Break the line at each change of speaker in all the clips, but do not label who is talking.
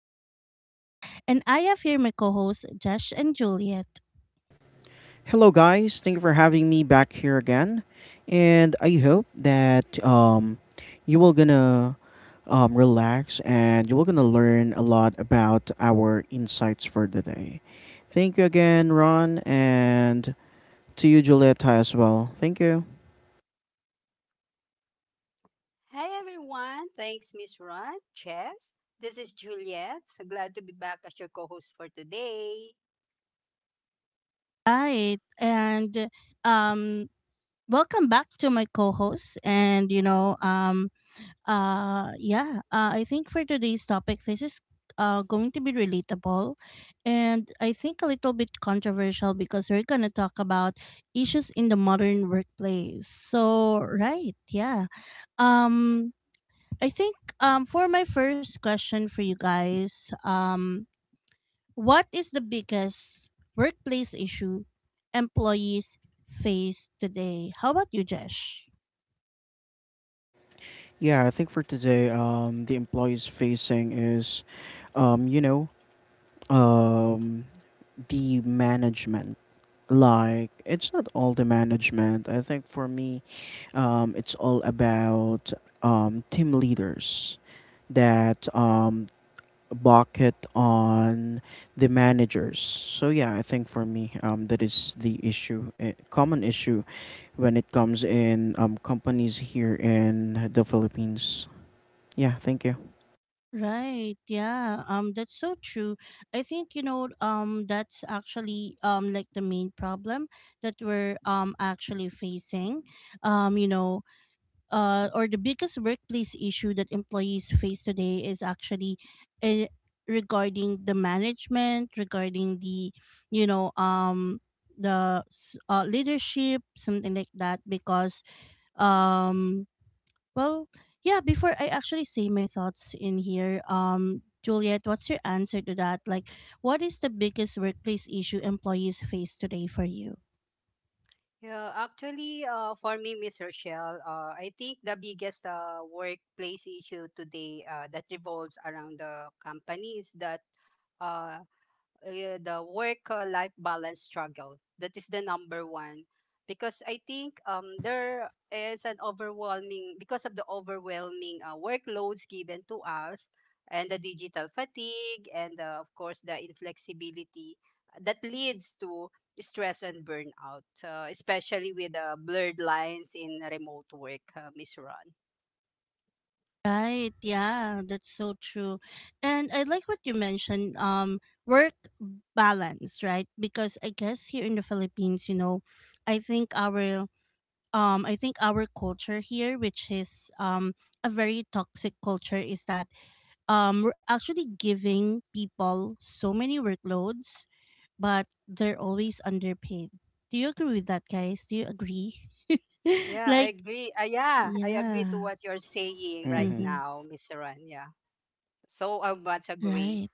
host, Ron, and I have here my co hosts, Josh and Juliet.
Hello, guys. Thank you for having me back here again, and I hope that you will gonna relax and you will gonna learn a lot about our insights for the day. Thank you again, Ron, and to you, Julieta, as well. Thank you.
Hi everyone. Thanks, Miss Ron, Chess. This is Juliet. So glad to be back as your co-host for today.
Right. And um, welcome back to my co hosts. And, yeah, I think for today's topic, this is going to be relatable, and I think a little bit controversial because we're going to talk about issues in the modern workplace. So, right, yeah. Um I think for my first question for you guys, what is the biggest workplace issue employees face today? How about you, Jesh?
Yeah, I think for today, the employees facing is, um, you know, um, the management. Like, it's not all the management. I think for me, it's all about team leaders that bucket on the managers. So yeah, I think for me, that is the issue, common issue, when it comes in companies here in the Philippines. Yeah, thank you.
Right. Yeah. That's so true. I think that's actually like the main problem that we're actually facing. Um you know or the biggest workplace issue that employees face today is actually uh, regarding the management, regarding the you know the s- leadership, something like that, because um well, yeah, before I actually say my thoughts in here, Juliet, what's your answer to that? Like, what is the biggest workplace issue employees face today for you?
Yeah, actually, for me, Miss Rochelle, I think the biggest workplace issue today that revolves around the company is that uh. uh, the work life balance struggle. That is the number one because I think, there is an overwhelming because of the overwhelming workloads given to us, and the digital fatigue and, of course, the inflexibility that leads to stress and burnout, especially with the blurred lines in remote work, Miss Ron.
Right, yeah, that's so true. And I like what you mentioned, work balance, right? Because I guess here in the Philippines, I think our I think our culture here, which is a very toxic culture, is that we're actually giving people so many workloads, but they're always underpaid. Do you agree with that, guys? Do you agree?
Yeah, I
like
agree. Yeah, I agree to
yeah,
what you're saying right
Mm-hmm.
mm-hmm.
now, Miss Ron. Yeah, so I much agree.
Right.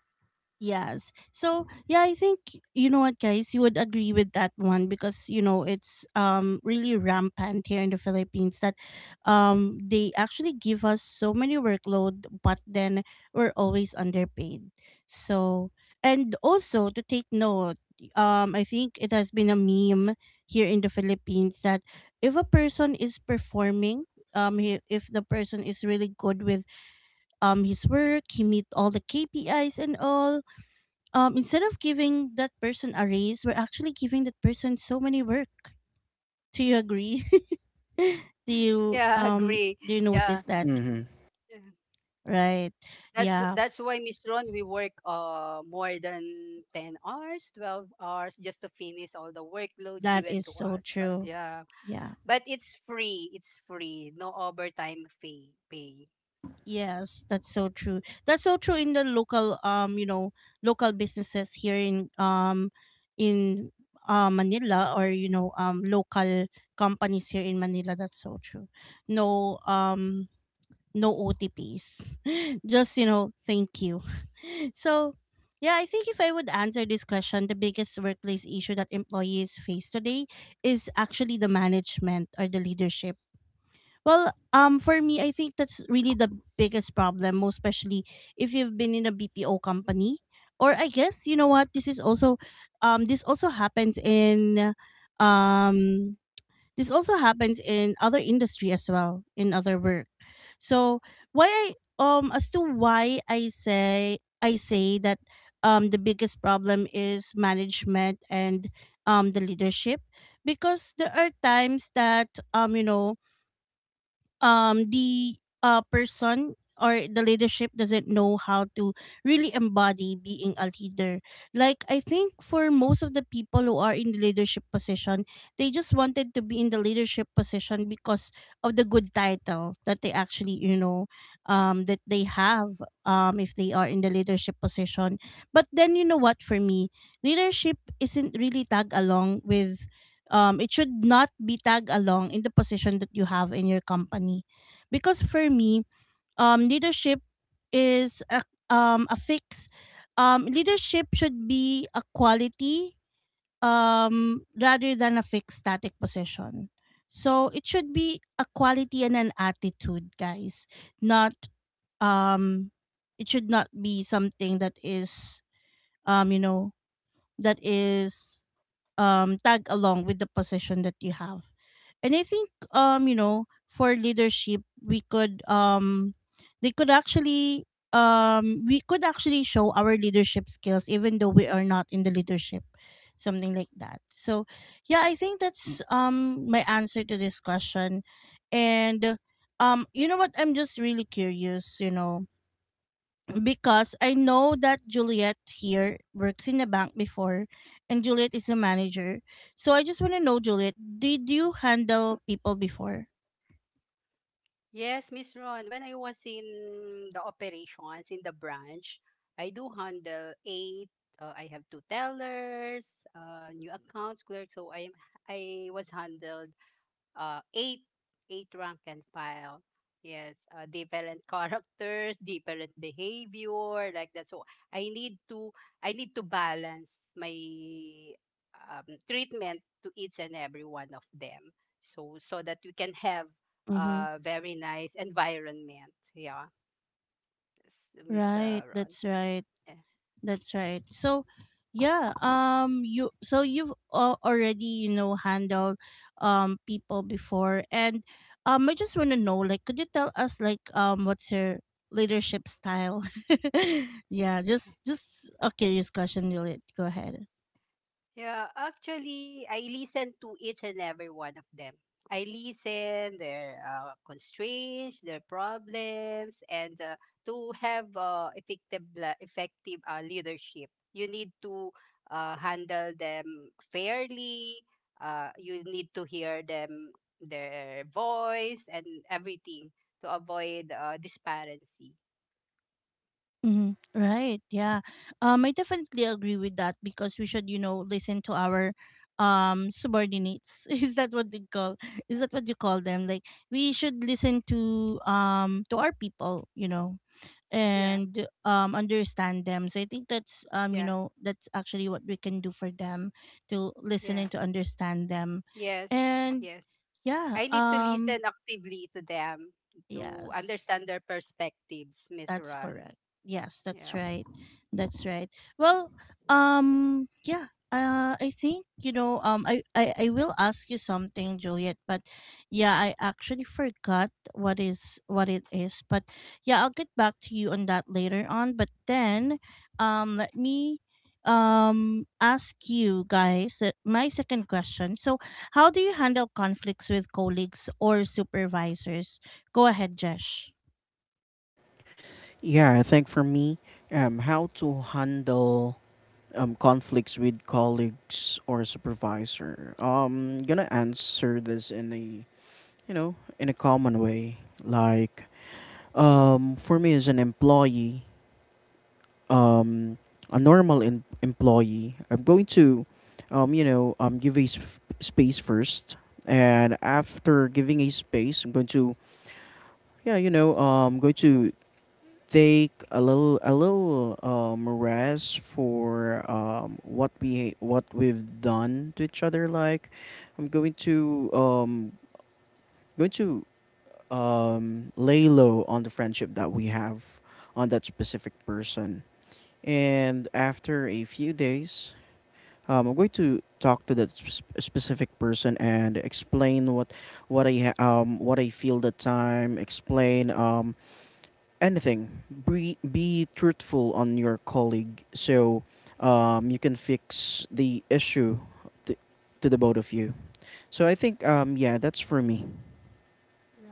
Yes. So yeah, I think, you know what, guys, you would agree with that one, because it's really rampant here in the Philippines that they actually give us so many workload, but then we're always underpaid. So, and also to take note, I think it has been a meme here in the Philippines that if a person is performing if the person is really good with his work, he meet all the KPIs and all, instead of giving that person a raise, we're actually giving that person so many work. Do you agree? do you
Yeah,
um
agree.
do you
Yeah,
notice that?
Mm-hmm.
yeah.
Right?
that's
Yeah,
that's why, Miss Ron, we work more than 10 hours, 12 hours, just to finish all the workload
that
given
is
to
so
us. But
true.
yeah,
Yeah.
but it's free. It's free. No overtime fee pay.
Yes, that's so true. That's so true in the local you know local businesses here in, in Manila, or local companies here in Manila. That's so true. No um no OTPs. Just, thank you. So, yeah, I think if I would answer this question, the biggest workplace issue that employees face today is actually the management or the leadership. Well, for me, I think that's really the biggest problem, most especially if you've been in a BPO company. Or I guess, you know what, this is also, um, this also happens in, um, this also happens in other industry as well, in other work. So, why I as to why I say that, the biggest problem is management and the leadership, because there are times that the person or the leadership doesn't know how to really embody being a leader. Like, I think for most of the people who are in the leadership position, they just wanted to be in the leadership position because of the good title that they actually you know that they have, if they are in the leadership position. But then, you know what, for me, leadership isn't really tag along with, it should not be tag along in the position that you have in your company, because for me, leadership is a fix leadership should be a quality, rather than a fixed static position. So it should be a quality and an attitude, guys, not, um, it should not be something that is, um, you know that is tag along with the position that you have. And I think, for leadership, we could, they could actually we could actually show our leadership skills even though we are not in the leadership, something like that. So yeah, I think that's my answer to this question. And, you know what, I'm just really curious, because I know that Juliet here works in a bank before, and Juliet is a manager. So I just want to know, Juliet, did you handle people before?
Yes, Miss Ron. When I was in the operations in the branch, I do handle eight. I have two tellers, new accounts clerk. So I was handled, uh, eight eight rank and file. Yes, different characters, different behavior, like that. So I need to I need to balance my treatment to each and every one of them, so that we can have
Mhm.
a very nice environment. Yeah, s- Miss
Right,
uh, Ron.
that's right.
Yeah.
That's right. So, yeah, you so you've already, handled people before, and I just want to know, like, could you tell us, like, what's your leadership style? Yeah, just a curious question, Juliet. Go ahead.
Yeah, actually, I listen to each and every one of them. I listen their constraints, their problems, and to have effective leadership. You need to handle them fairly. You need to hear them, their voice and everything, to avoid disparity.
Mm-hmm. Right. Yeah. I definitely agree with that, because we should, listen to our subordinates. Is that what they call? Is that what you call them? Like, we should listen to our people,
Yeah,
and understand them. So I think that's you
yeah,
know that's actually what we can do for them, to listen
yeah.
and to understand them,
Yes,
and
yes.
yeah.
I need to listen actively to them to
Yes.
understand their perspectives, Miss
That's
Ron.
correct. Yes, that's
Yeah.
right. That's right. Well, yeah. I think. I will ask you something, Juliet. But yeah, I actually forgot what it is. But yeah, I'll get back to you on that later on. But then, let me ask you guys that my second question. So, how do you handle conflicts with colleagues or supervisors? Go ahead, Jesh.
Yeah, I think for me, how to handle conflicts with colleagues or supervisor. Gonna answer this in a common way. Like, for me as an employee, um, a normal employee, I'm going to, give a space first, and after giving a space, I'm going to, yeah, you know, going to take a little rest for what we've done to each other. Like, I'm going to lay low on the friendship that we have on that specific person. And after a few days, I'm going to talk to that specific person and explain what I feel that time. Explain anything. Be truthful on your colleague so you can fix the issue to, to the both of you. So I think yeah, that's for me.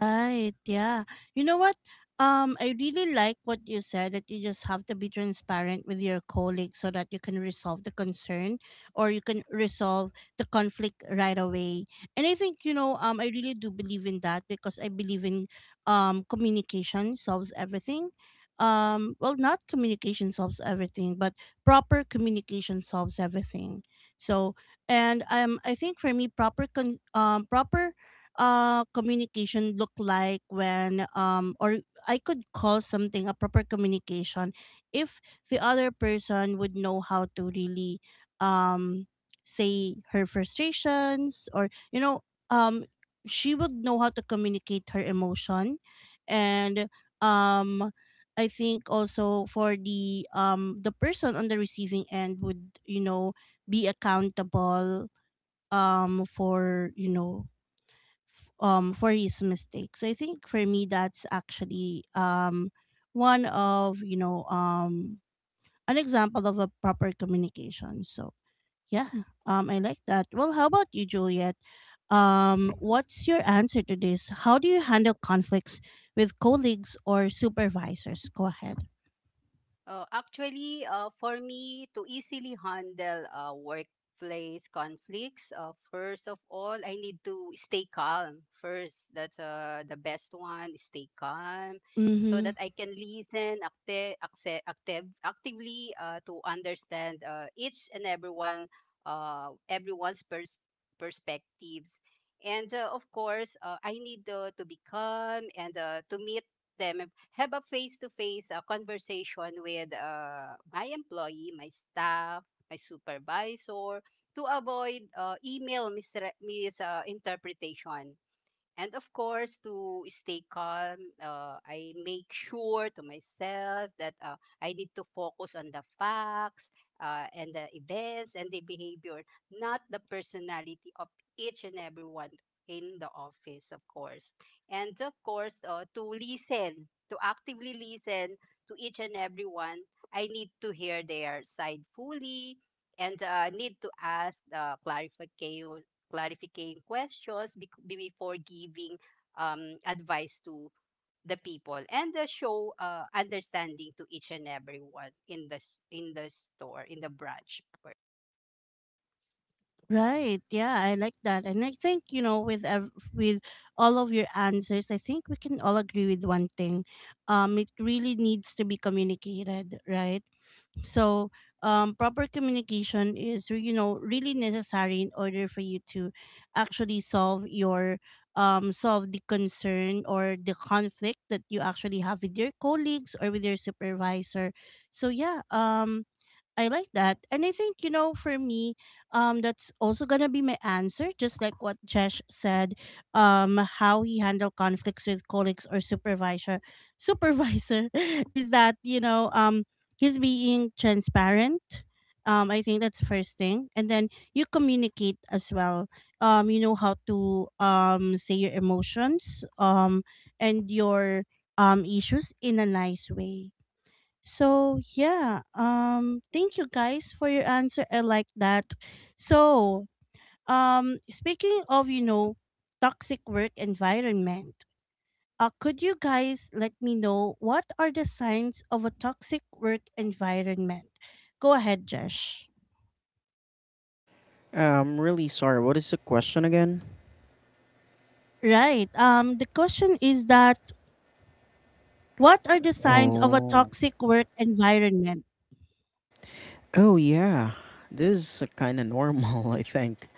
Right. Yeah. You know what? I really like what you said, that you just have to be transparent with your colleague, so that you can resolve the concern, or you can resolve the conflict right away. And I think, I really do believe in that, because I believe in communication solves everything. Well, not communication solves everything, but proper communication solves everything. So, and I think for me, proper communication look like when, or I could call something a proper communication, if the other person would know how to really um say her frustrations, or um she would know how to communicate her emotion. And um I think also, for the person on the receiving end, would, be accountable, for you know f- for his mistake. So I think for me, that's actually, one of you know an example of a proper communication. So yeah, I like that. Well, how about you, Juliet?
Yeah.
What's your answer to this? How do you handle conflicts with colleagues or supervisors? Go ahead.
Actually, for me to easily handle workplace conflicts, first of all, I need to stay calm. First, that's the best one. Stay calm, so
Mm-hmm.
that I can listen actively, to understand each and everyone, everyone's perspectives. And of course, I need, to be calm and, to meet them, have a face-to-face conversation with, my employee, my staff, my supervisor, to avoid email misinterpretation. And of course, to stay calm, I make sure to myself that I need to focus on the facts, and the events and the behavior, not the personality of each and everyone in the office, of course. And of course, to listen, to actively listen to each and everyone, I need to hear their side fully, and, need to ask clarification clarifying questions before giving advice to the people, and the show understanding to each and everyone in the store, in the branch.
Right. Yeah, I like that. And I think, with all of your answers, I think we can all agree with one thing. It really needs to be communicated, right? So, proper communication is, really necessary in order for you to actually solve the concern or the conflict that you actually have with your colleagues or with your supervisor. So, yeah, I like that. And I think, for me, that's also gonna be my answer, just like what Jesh said, how he handled conflicts with colleagues or supervisor, is that, he's being transparent. I think that's first thing. And then you communicate as well. You know how to say your emotions, and your issues in a nice way. So yeah, thank you, guys, for your answer. I like that. So, speaking of, toxic work environment, could you guys let me know, what are the signs of a toxic work environment? Go ahead, Josh.
I'm really sorry. What is the question again?
Right. The question is that, what are the signs of a
Oh.
toxic work environment?
Oh, yeah, this is kind of normal, I think.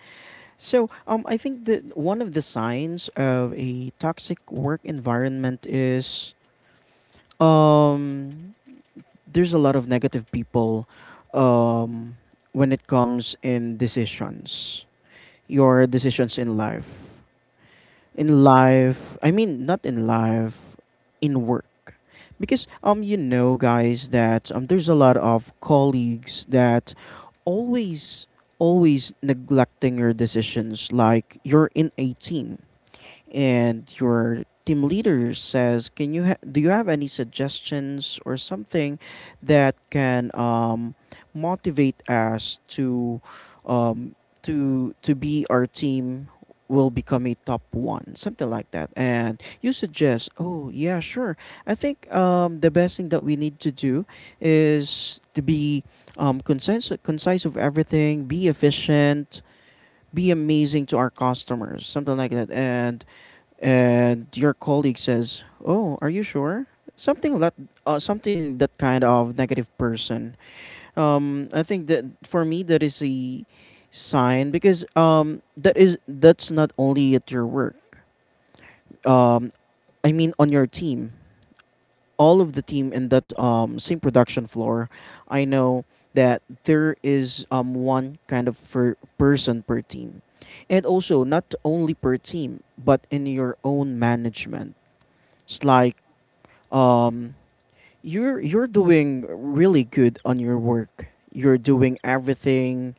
So, I think that one of the signs of a toxic work environment is um, there's a lot of negative people, um, when it comes in decisions, your decisions in life. In life, I mean, not in life, in work, because you know, guys, that there's a lot of colleagues that always always neglecting your decisions. Like, you're in a team, and your team leader says, do you have any suggestions or something that can motivate us um, to be, our team will become a top one, something like that. And you suggest, oh, yeah, sure, I think the best thing that we need to do is to be concise of everything, be efficient, be amazing to our customers, something like that. And your colleague says, "Oh, are you sure?" Something that something that, kind of, negative person. I think that, for me, that is a sign, because that's not only at your work. Um, I mean, on your team, all of the team in that same production floor. I know that there is one kind of per person per team, and also not only per team but in your own management. It's like um you're doing really good on your work. You're doing everything.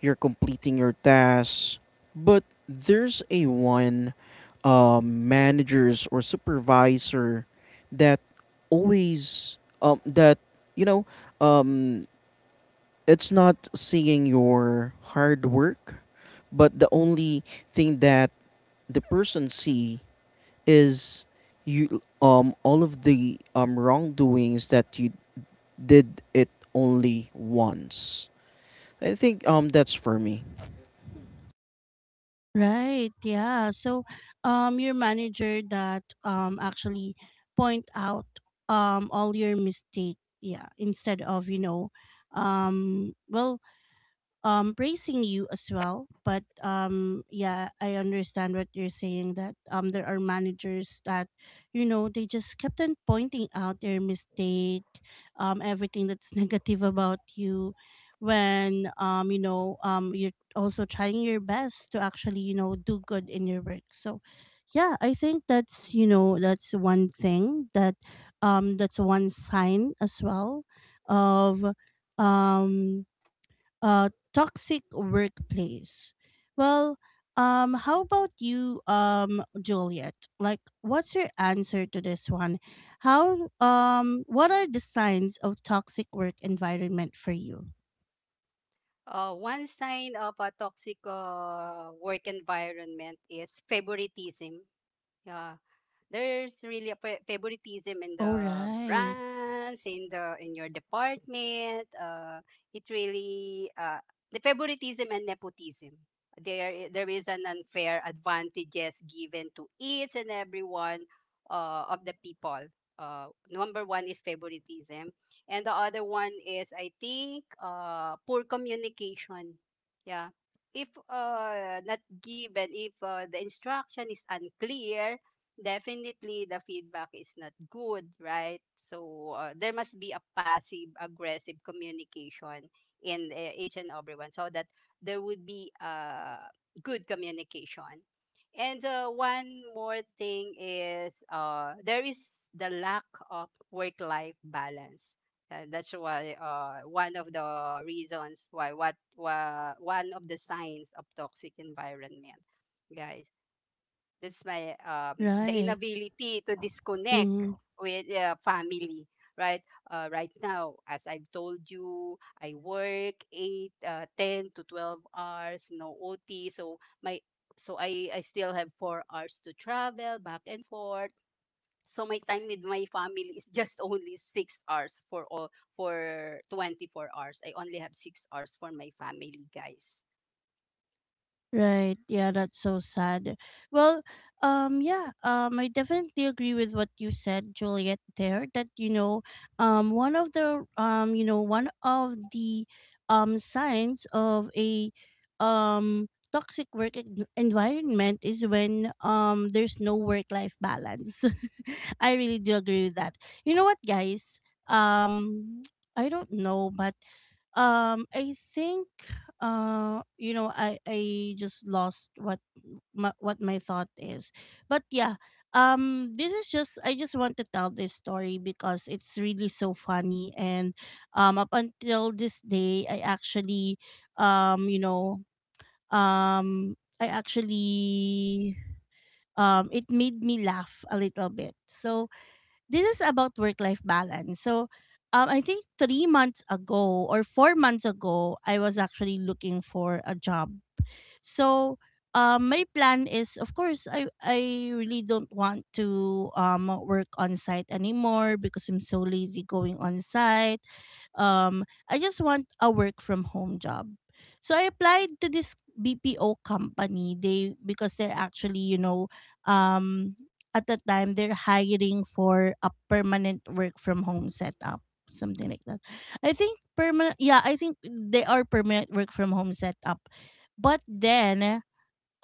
You're completing your tasks. But there's a one managers or supervisor that always that you know um it's not seeing your hard work, but the only thing that the person see is you, all of the wrongdoings that you did it only once. I think that's for me.
Right. Yeah. So, your manager that actually point out all your mistake. Yeah. Instead of, well, praising you as well, but yeah, I understand what you're saying, that there are managers that, they just kept on pointing out their mistake, everything that's negative about you, when you're also trying your best to actually, do good in your work. So yeah, I think that's you know that's one thing that's one sign as well of um toxic workplace. Well, how about you, Juliet? Like, what's your answer to this one? How What are the signs of toxic work environment for you?
One sign of a toxic work environment is favoritism. Yeah, there's really a favoritism in
Oh,
the
right,
brands, in your department. Uh it really, the favoritism and nepotism, there is an unfair advantages given to each and every one of the people. Number one is favoritism, and the other one is, I think, poor communication. Yeah, if not given if the instruction is unclear, definitely the feedback is not good, right? So there must be a passive aggressive communication in each and everyone, so that there would be good communication. And one more thing is there is the lack of work life balance. That's why one of the reasons why, one of the signs of toxic environment, guys, that's my the
right.
inability to disconnect with, family, right? Right now, as I've told you, I work 8, 10 to 12 hours, no OT. So my so I still have 4 hours to travel back and forth. So my time with my family is just only 6 hours, for 24 hours. I only have 6 hours for my family, guys.
Right. Yeah, that's so sad. Well, yeah, I definitely agree with what you said, Juliet, there, that, one of the signs of a toxic work environment is when there's no work life balance. I really do agree with that. You know what, guys? Um I don't know, but I think I just lost what my thought is, but yeah. This is just, I just want to tell this story because it's really so funny. And up until this day, I actually, um you know um I actually, it made me laugh a little bit. So this is about work life balance. So I think 3 months ago or 4 months ago, I was actually looking for a job. So, my plan is, of course, I really don't want to work on site anymore because I'm so lazy going on site. I just want a work from home job. So I applied to this BPO company. They Because they're actually, you know, um at the time they're hiring for a permanent work from home setup, something like that. I think permanent. Yeah, I think they are permanent work from home setup. But then,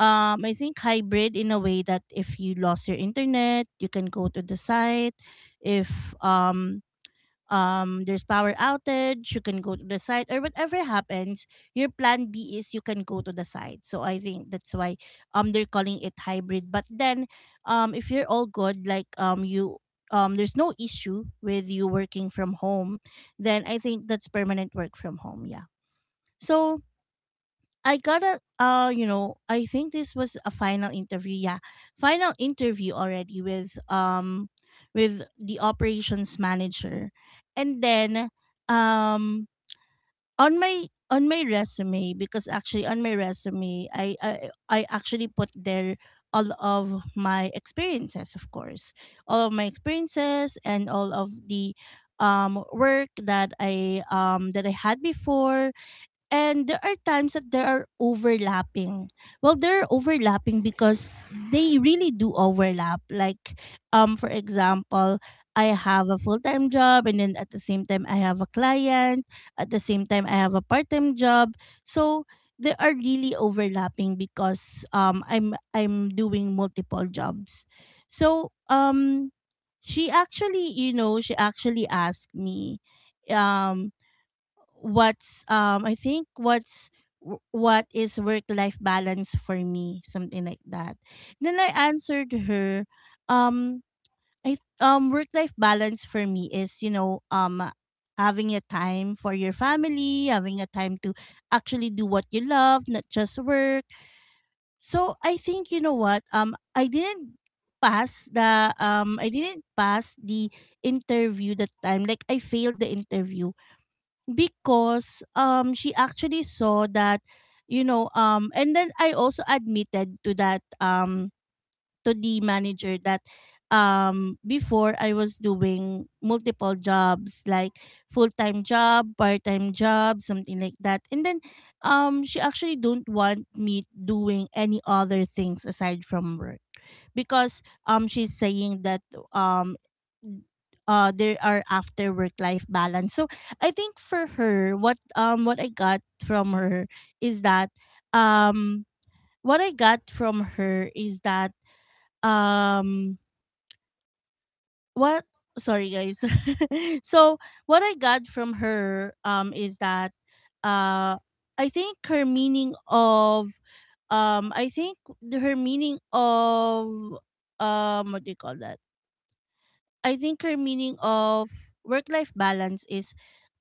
I think hybrid, in a way that if you lost your internet, you can go to the site. If There's power outage, you can go to the site, or whatever happens. Your plan B is you can go to the site. So I think that's why they're calling it hybrid. But then, if you're all good, like, you there's no issue with you working from home, then I think that's permanent work from home. Yeah. So I gotta, I think this was a final interview. Yeah, final interview already with the operations manager. And then, um on my resume, because actually on my resume I actually put there all of my experiences, of course, all of my experiences and all of the work that I had before. And there are times that there are overlapping. Well, there are overlapping because they really do overlap. Like, for example, I have a full-time job, and then at the same time I have a client, at the same time I have a part-time job. So they are really overlapping because I'm doing multiple jobs. So she actually, you know, she actually asked me, um what's I think what's, what is work life balance for me, something like that. Then I answered her, um I work life balance for me is, you know, having a time for your family, having a time to actually do what you love, not just work. So I think, you know what, I didn't pass the, I didn't pass the interview that time. Like, I failed the interview because she actually saw that, you know. Um and then I also admitted to that, to the manager, that before I was doing multiple jobs, like full-time job, part-time job, something like that. And then she actually don't want me doing any other things aside from work, because she's saying that, there are after work life balance. So I think for her, what I got from her is that, um what I got from her is that, um what, sorry guys. So what I got from her is that, uh I think her meaning of, I think her meaning of, what do you call that, I think her meaning of work life balance is,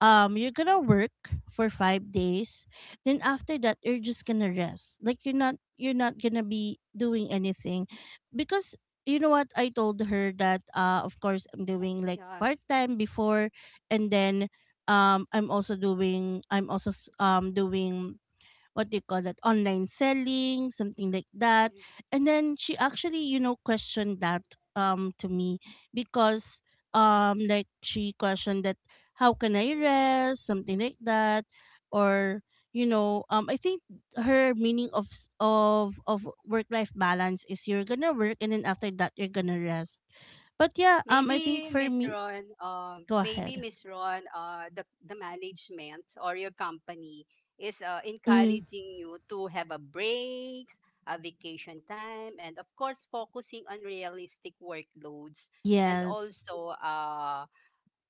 you're gonna work for 5 days, then after that you're just gonna rest. Like, you're not gonna be doing anything. Because, you know what, I told her that, uh, of course, I'm doing like
Yeah.
part time before. And then I'm also doing, doing, what do you call that, online selling, something like that. And then she actually, you know, questioned that, to me, because like she questioned that, how can I rest, something like that. Or, you know, I think her meaning of, of work life balance is you're gonna work, and then after that you're gonna rest. But yeah, I think
Maybe
for
Miss
me.
Ron,
Go ahead.
The management or your company is
Mm,
encouraging you to have a breaks, a vacation time, and of course focusing on realistic workloads, and
yes.
also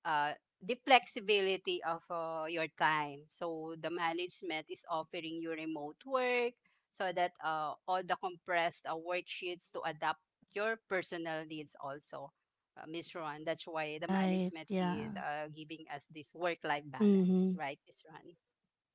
uh, the flexibility of your time. So the management is offering you remote work, so that all the compressed worksheets to adapt your personal needs also. Miss Ron, that's why the
Right,
management is
yeah.
giving us this work-life balance,
Mm-hmm.
right, Miss Ron?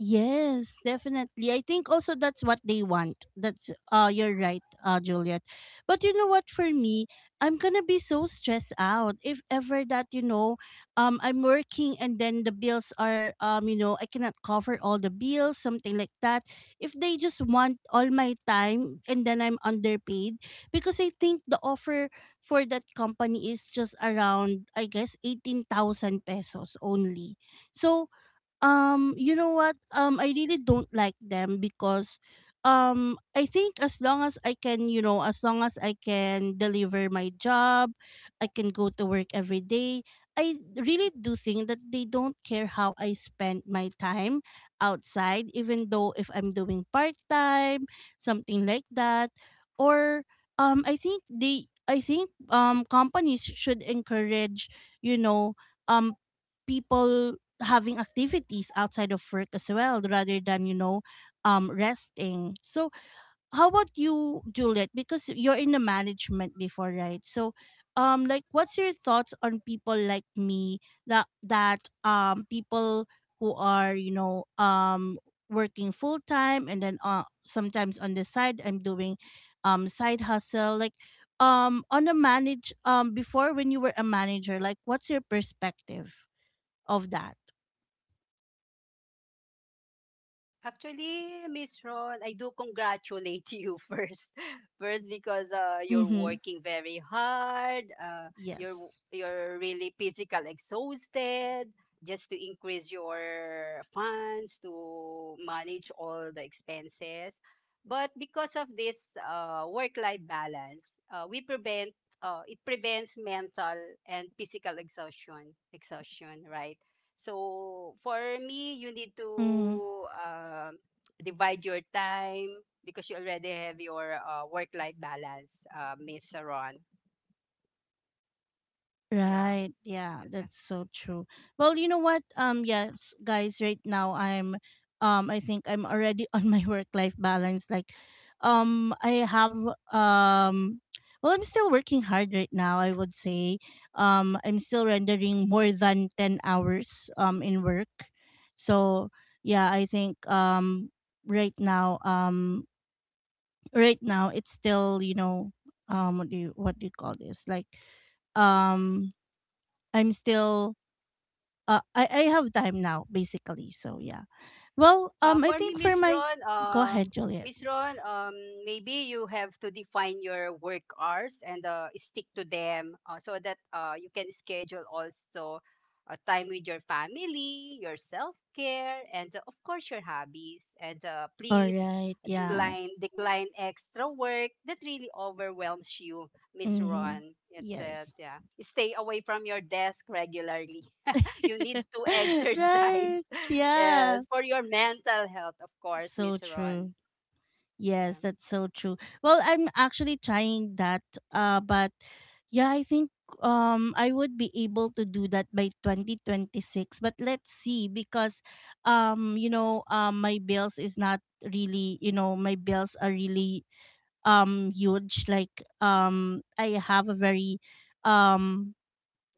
Yes, definitely. I think also that's what they want. That's, uh, you're right, uh, Juliet. But you know what, for me, I'm going to be so stressed out if ever that, you know, I'm working and then the bills are, you know, I cannot cover all the bills, something like that. If they just want all my time, and then I'm underpaid, because I think the offer for that company is just around, I guess, 18,000 pesos only. So, you know what? I really don't like them, because I think as long as I can, you know, as long as I can deliver my job, I can go to work every day. I really do think that they don't care how I spend my time outside, even though if I'm doing part time, something like that. Or I think they, I think companies should encourage, you know, um people having activities outside of work as well, rather than, you know, resting. So how about you, Juliet, because you're in the management before, right? So like, what's your thoughts on people like me, that people who are, you know, working full time, and then, sometimes on the side I'm doing side hustle, like, on a manage before, when you were a manager, like, what's your perspective of that.
Actually, Miss Ron, I do congratulate you first. First, because you're
Mm-hmm.
working very hard. Uh, you're w-
Yes.
you're really physical exhausted, just to increase your funds to manage all the expenses. But because of this work-life balance, we prevent it prevents mental and physical exhaustion. Exhaustion, right? So for me, you need to
Hmm.
um divide your time, because you already have your work-life balance, Miss Ron. Yeah.
Right. Yeah, that's so true. Well, you know what? Yes, guys, right now I'm, I think I'm already on my work life balance. Like, I have, um well, I'm still working hard right now, I would say. I'm still rendering more than 10 hours in work. So yeah, I think right now, right now it's still, you know, what do you call this, like, um I'm still I have time now, basically. So yeah, well,
Uh,
I
for me,
think for my. Go ahead, Juliet.
Miss Ron, maybe you have to define your work hours, and stick to them, so that you can schedule also time with your family, your self care, and of course your hobbies. And
All
please
right,
decline
yes.
decline extra work that really overwhelms you, Miss
Mm-hmm.
Ron. That's it.
Yes.
Yeah, stay away from your desk regularly, you need to exercise.
Right. Yeah.
Yes, for your mental health, of course,
So
Miss Ron.
true.
Yeah.
Yes, that's so true. Well, I'm actually trying that, uh, but yeah, I think I would be able to do that by 2026, but let's see, because you know, my bills is not really, you know, my bills are really huge. Like, I have a very, um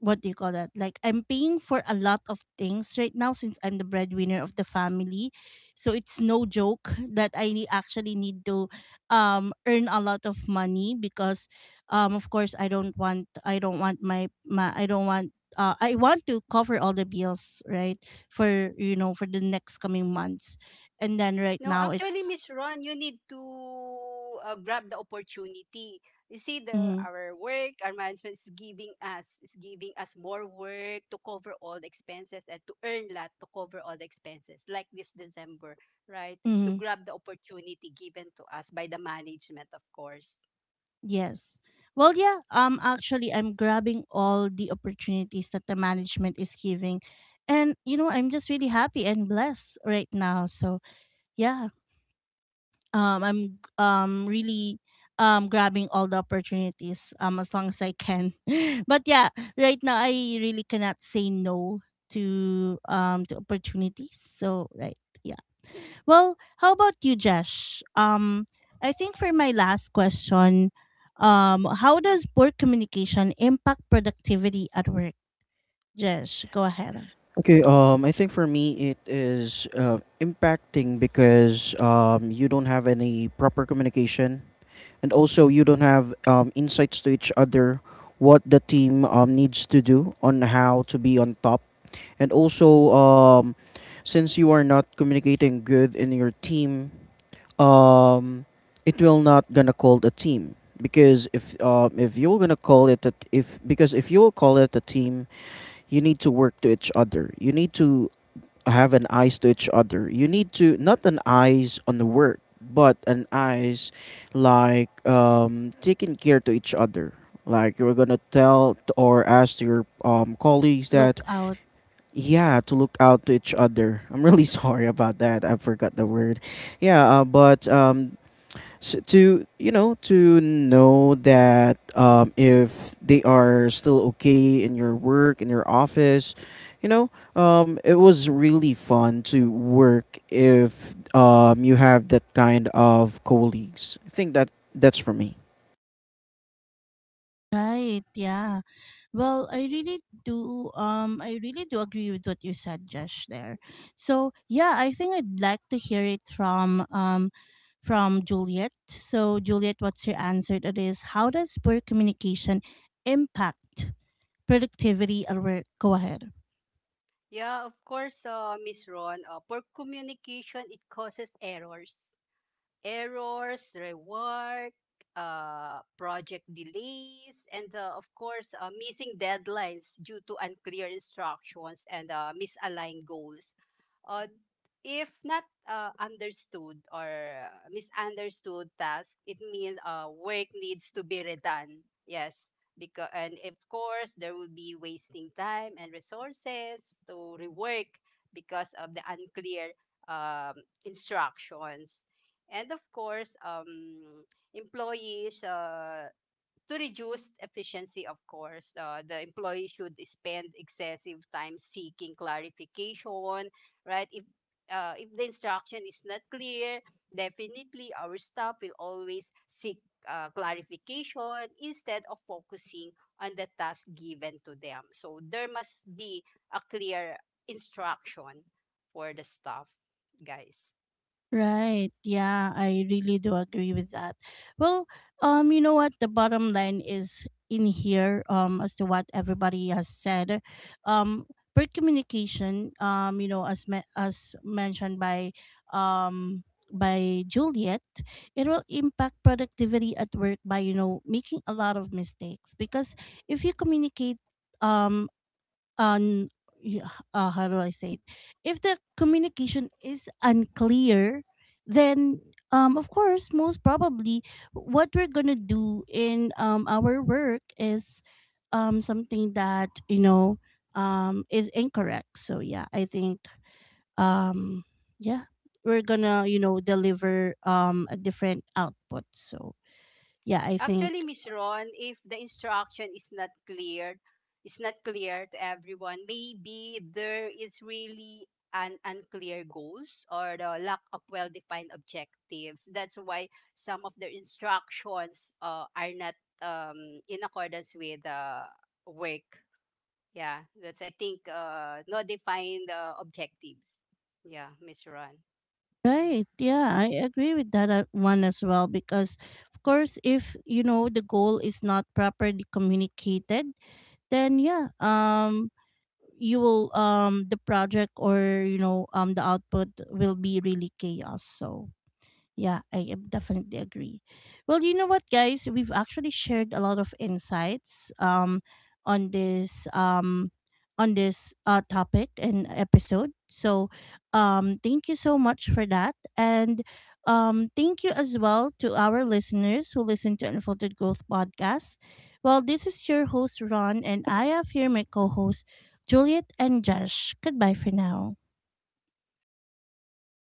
what do you call that? Like, I'm paying for a lot of things right now since I'm the breadwinner of the family. So it's no joke that I actually need to earn a lot of money, because of course I don't want my, my I don't want, I want to cover all the bills, right? For, you know, for the next coming months. And then right
No,
now
actually,
it's.
Miss Ron, you need to grab the opportunity. You see,
Mm-hmm,
our management is giving us more work to cover all the expenses, and to earn lot to cover all the expenses. Like this December, right? To
mm-hmm.
grab the opportunity given to us by the management, of course.
Yes. Well, yeah, actually I'm grabbing all the opportunities that the management is giving. And you know, I'm just really happy and blessed right now. So, yeah, I'm really grabbing all the opportunities as long as I can. But yeah, right now I really cannot say no to, to opportunities. So, right. Yeah. Well, how about you, Jesh? I think for my last question, how does poor communication impact productivity at work? Jesh, go ahead.
Okay, I think for me it is impacting because you don't have any proper communication, and also you don't have insights to each other, what the team needs to do on how to be on top. And also since you are not communicating good in your team, um, it will not gonna call the team. Because if you're gonna call it a t- if because if you will call it a team, you need to work to each other. You need to have an eyes to each other. You need to not an eyes on the work, but an eyes, like, taking care to each other. Like, you're gonna tell or ask to your colleagues that,
Look out.
yeah, to look out to each other. I'm really sorry about that. I forgot the word. Yeah, but, so to know that, if they are still okay in your work in your office, you know it was really fun to work if you have that kind of colleagues. I think that that's for me.
Right, yeah. Well, I really do, I really do agree with what you said, Josh, there. So yeah, I think I'd like to hear it from Juliet. So Juliet, what's your answer to this? How does poor communication impact productivity at work? Go ahead.
Yeah, of course, Miss Ron. Poor communication, it causes errors, rework, project delays, and of course, missing deadlines due to unclear instructions and misaligned goals. Uh, if not understood or misunderstood task, it means work needs to be redone. Yes. Because, and of course, there will be wasting time and resources to rework because of the unclear um, instructions. And of course, employees, to reduce efficiency, of course, the employee should spend excessive time seeking clarification, right? If the instruction is not clear, definitely our staff will always seek clarification instead of focusing on the task given to them, so there must be a clear instruction for the staff, guys.
Right. Yeah, I really do agree with that. Well, you know what? The bottom line is in here, as to what everybody has said. Um, Per communication, you know, as as mentioned um by Juliet, it will impact productivity at work by, you know, making a lot of mistakes. Because if you communicate, um un y- how do I say it? If the communication is unclear, then of course, most probably, what we're gonna do in, our work is something that, you know, is incorrect. So yeah, I think um, yeah, we're gonna, you know, deliver a different output. So yeah, I think.
Actually, Miss Ron, if the instruction is not clear, to everyone, maybe there is really an unclear goals or the lack of well-defined objectives. That's why some of the instructions are not in accordance with the work. Yeah, that's, I think, not defined objectives. Yeah, Miss Ron.
Right. Yeah, I agree with that, one as well, because of course if you know the goal is not properly communicated, then yeah, you will, the project, or you know, the output will be really chaos. So yeah, I am definitely agree. Well, you know what, guys? We've actually shared a lot of insights, on this um, on this, topic and episode. So, thank you so much for that, and thank you as well to our listeners who listen to Unfolded Growth podcast. Well, this is your host Ron, and I have here my co-hosts Juliet and Josh. Goodbye for now.
Bye.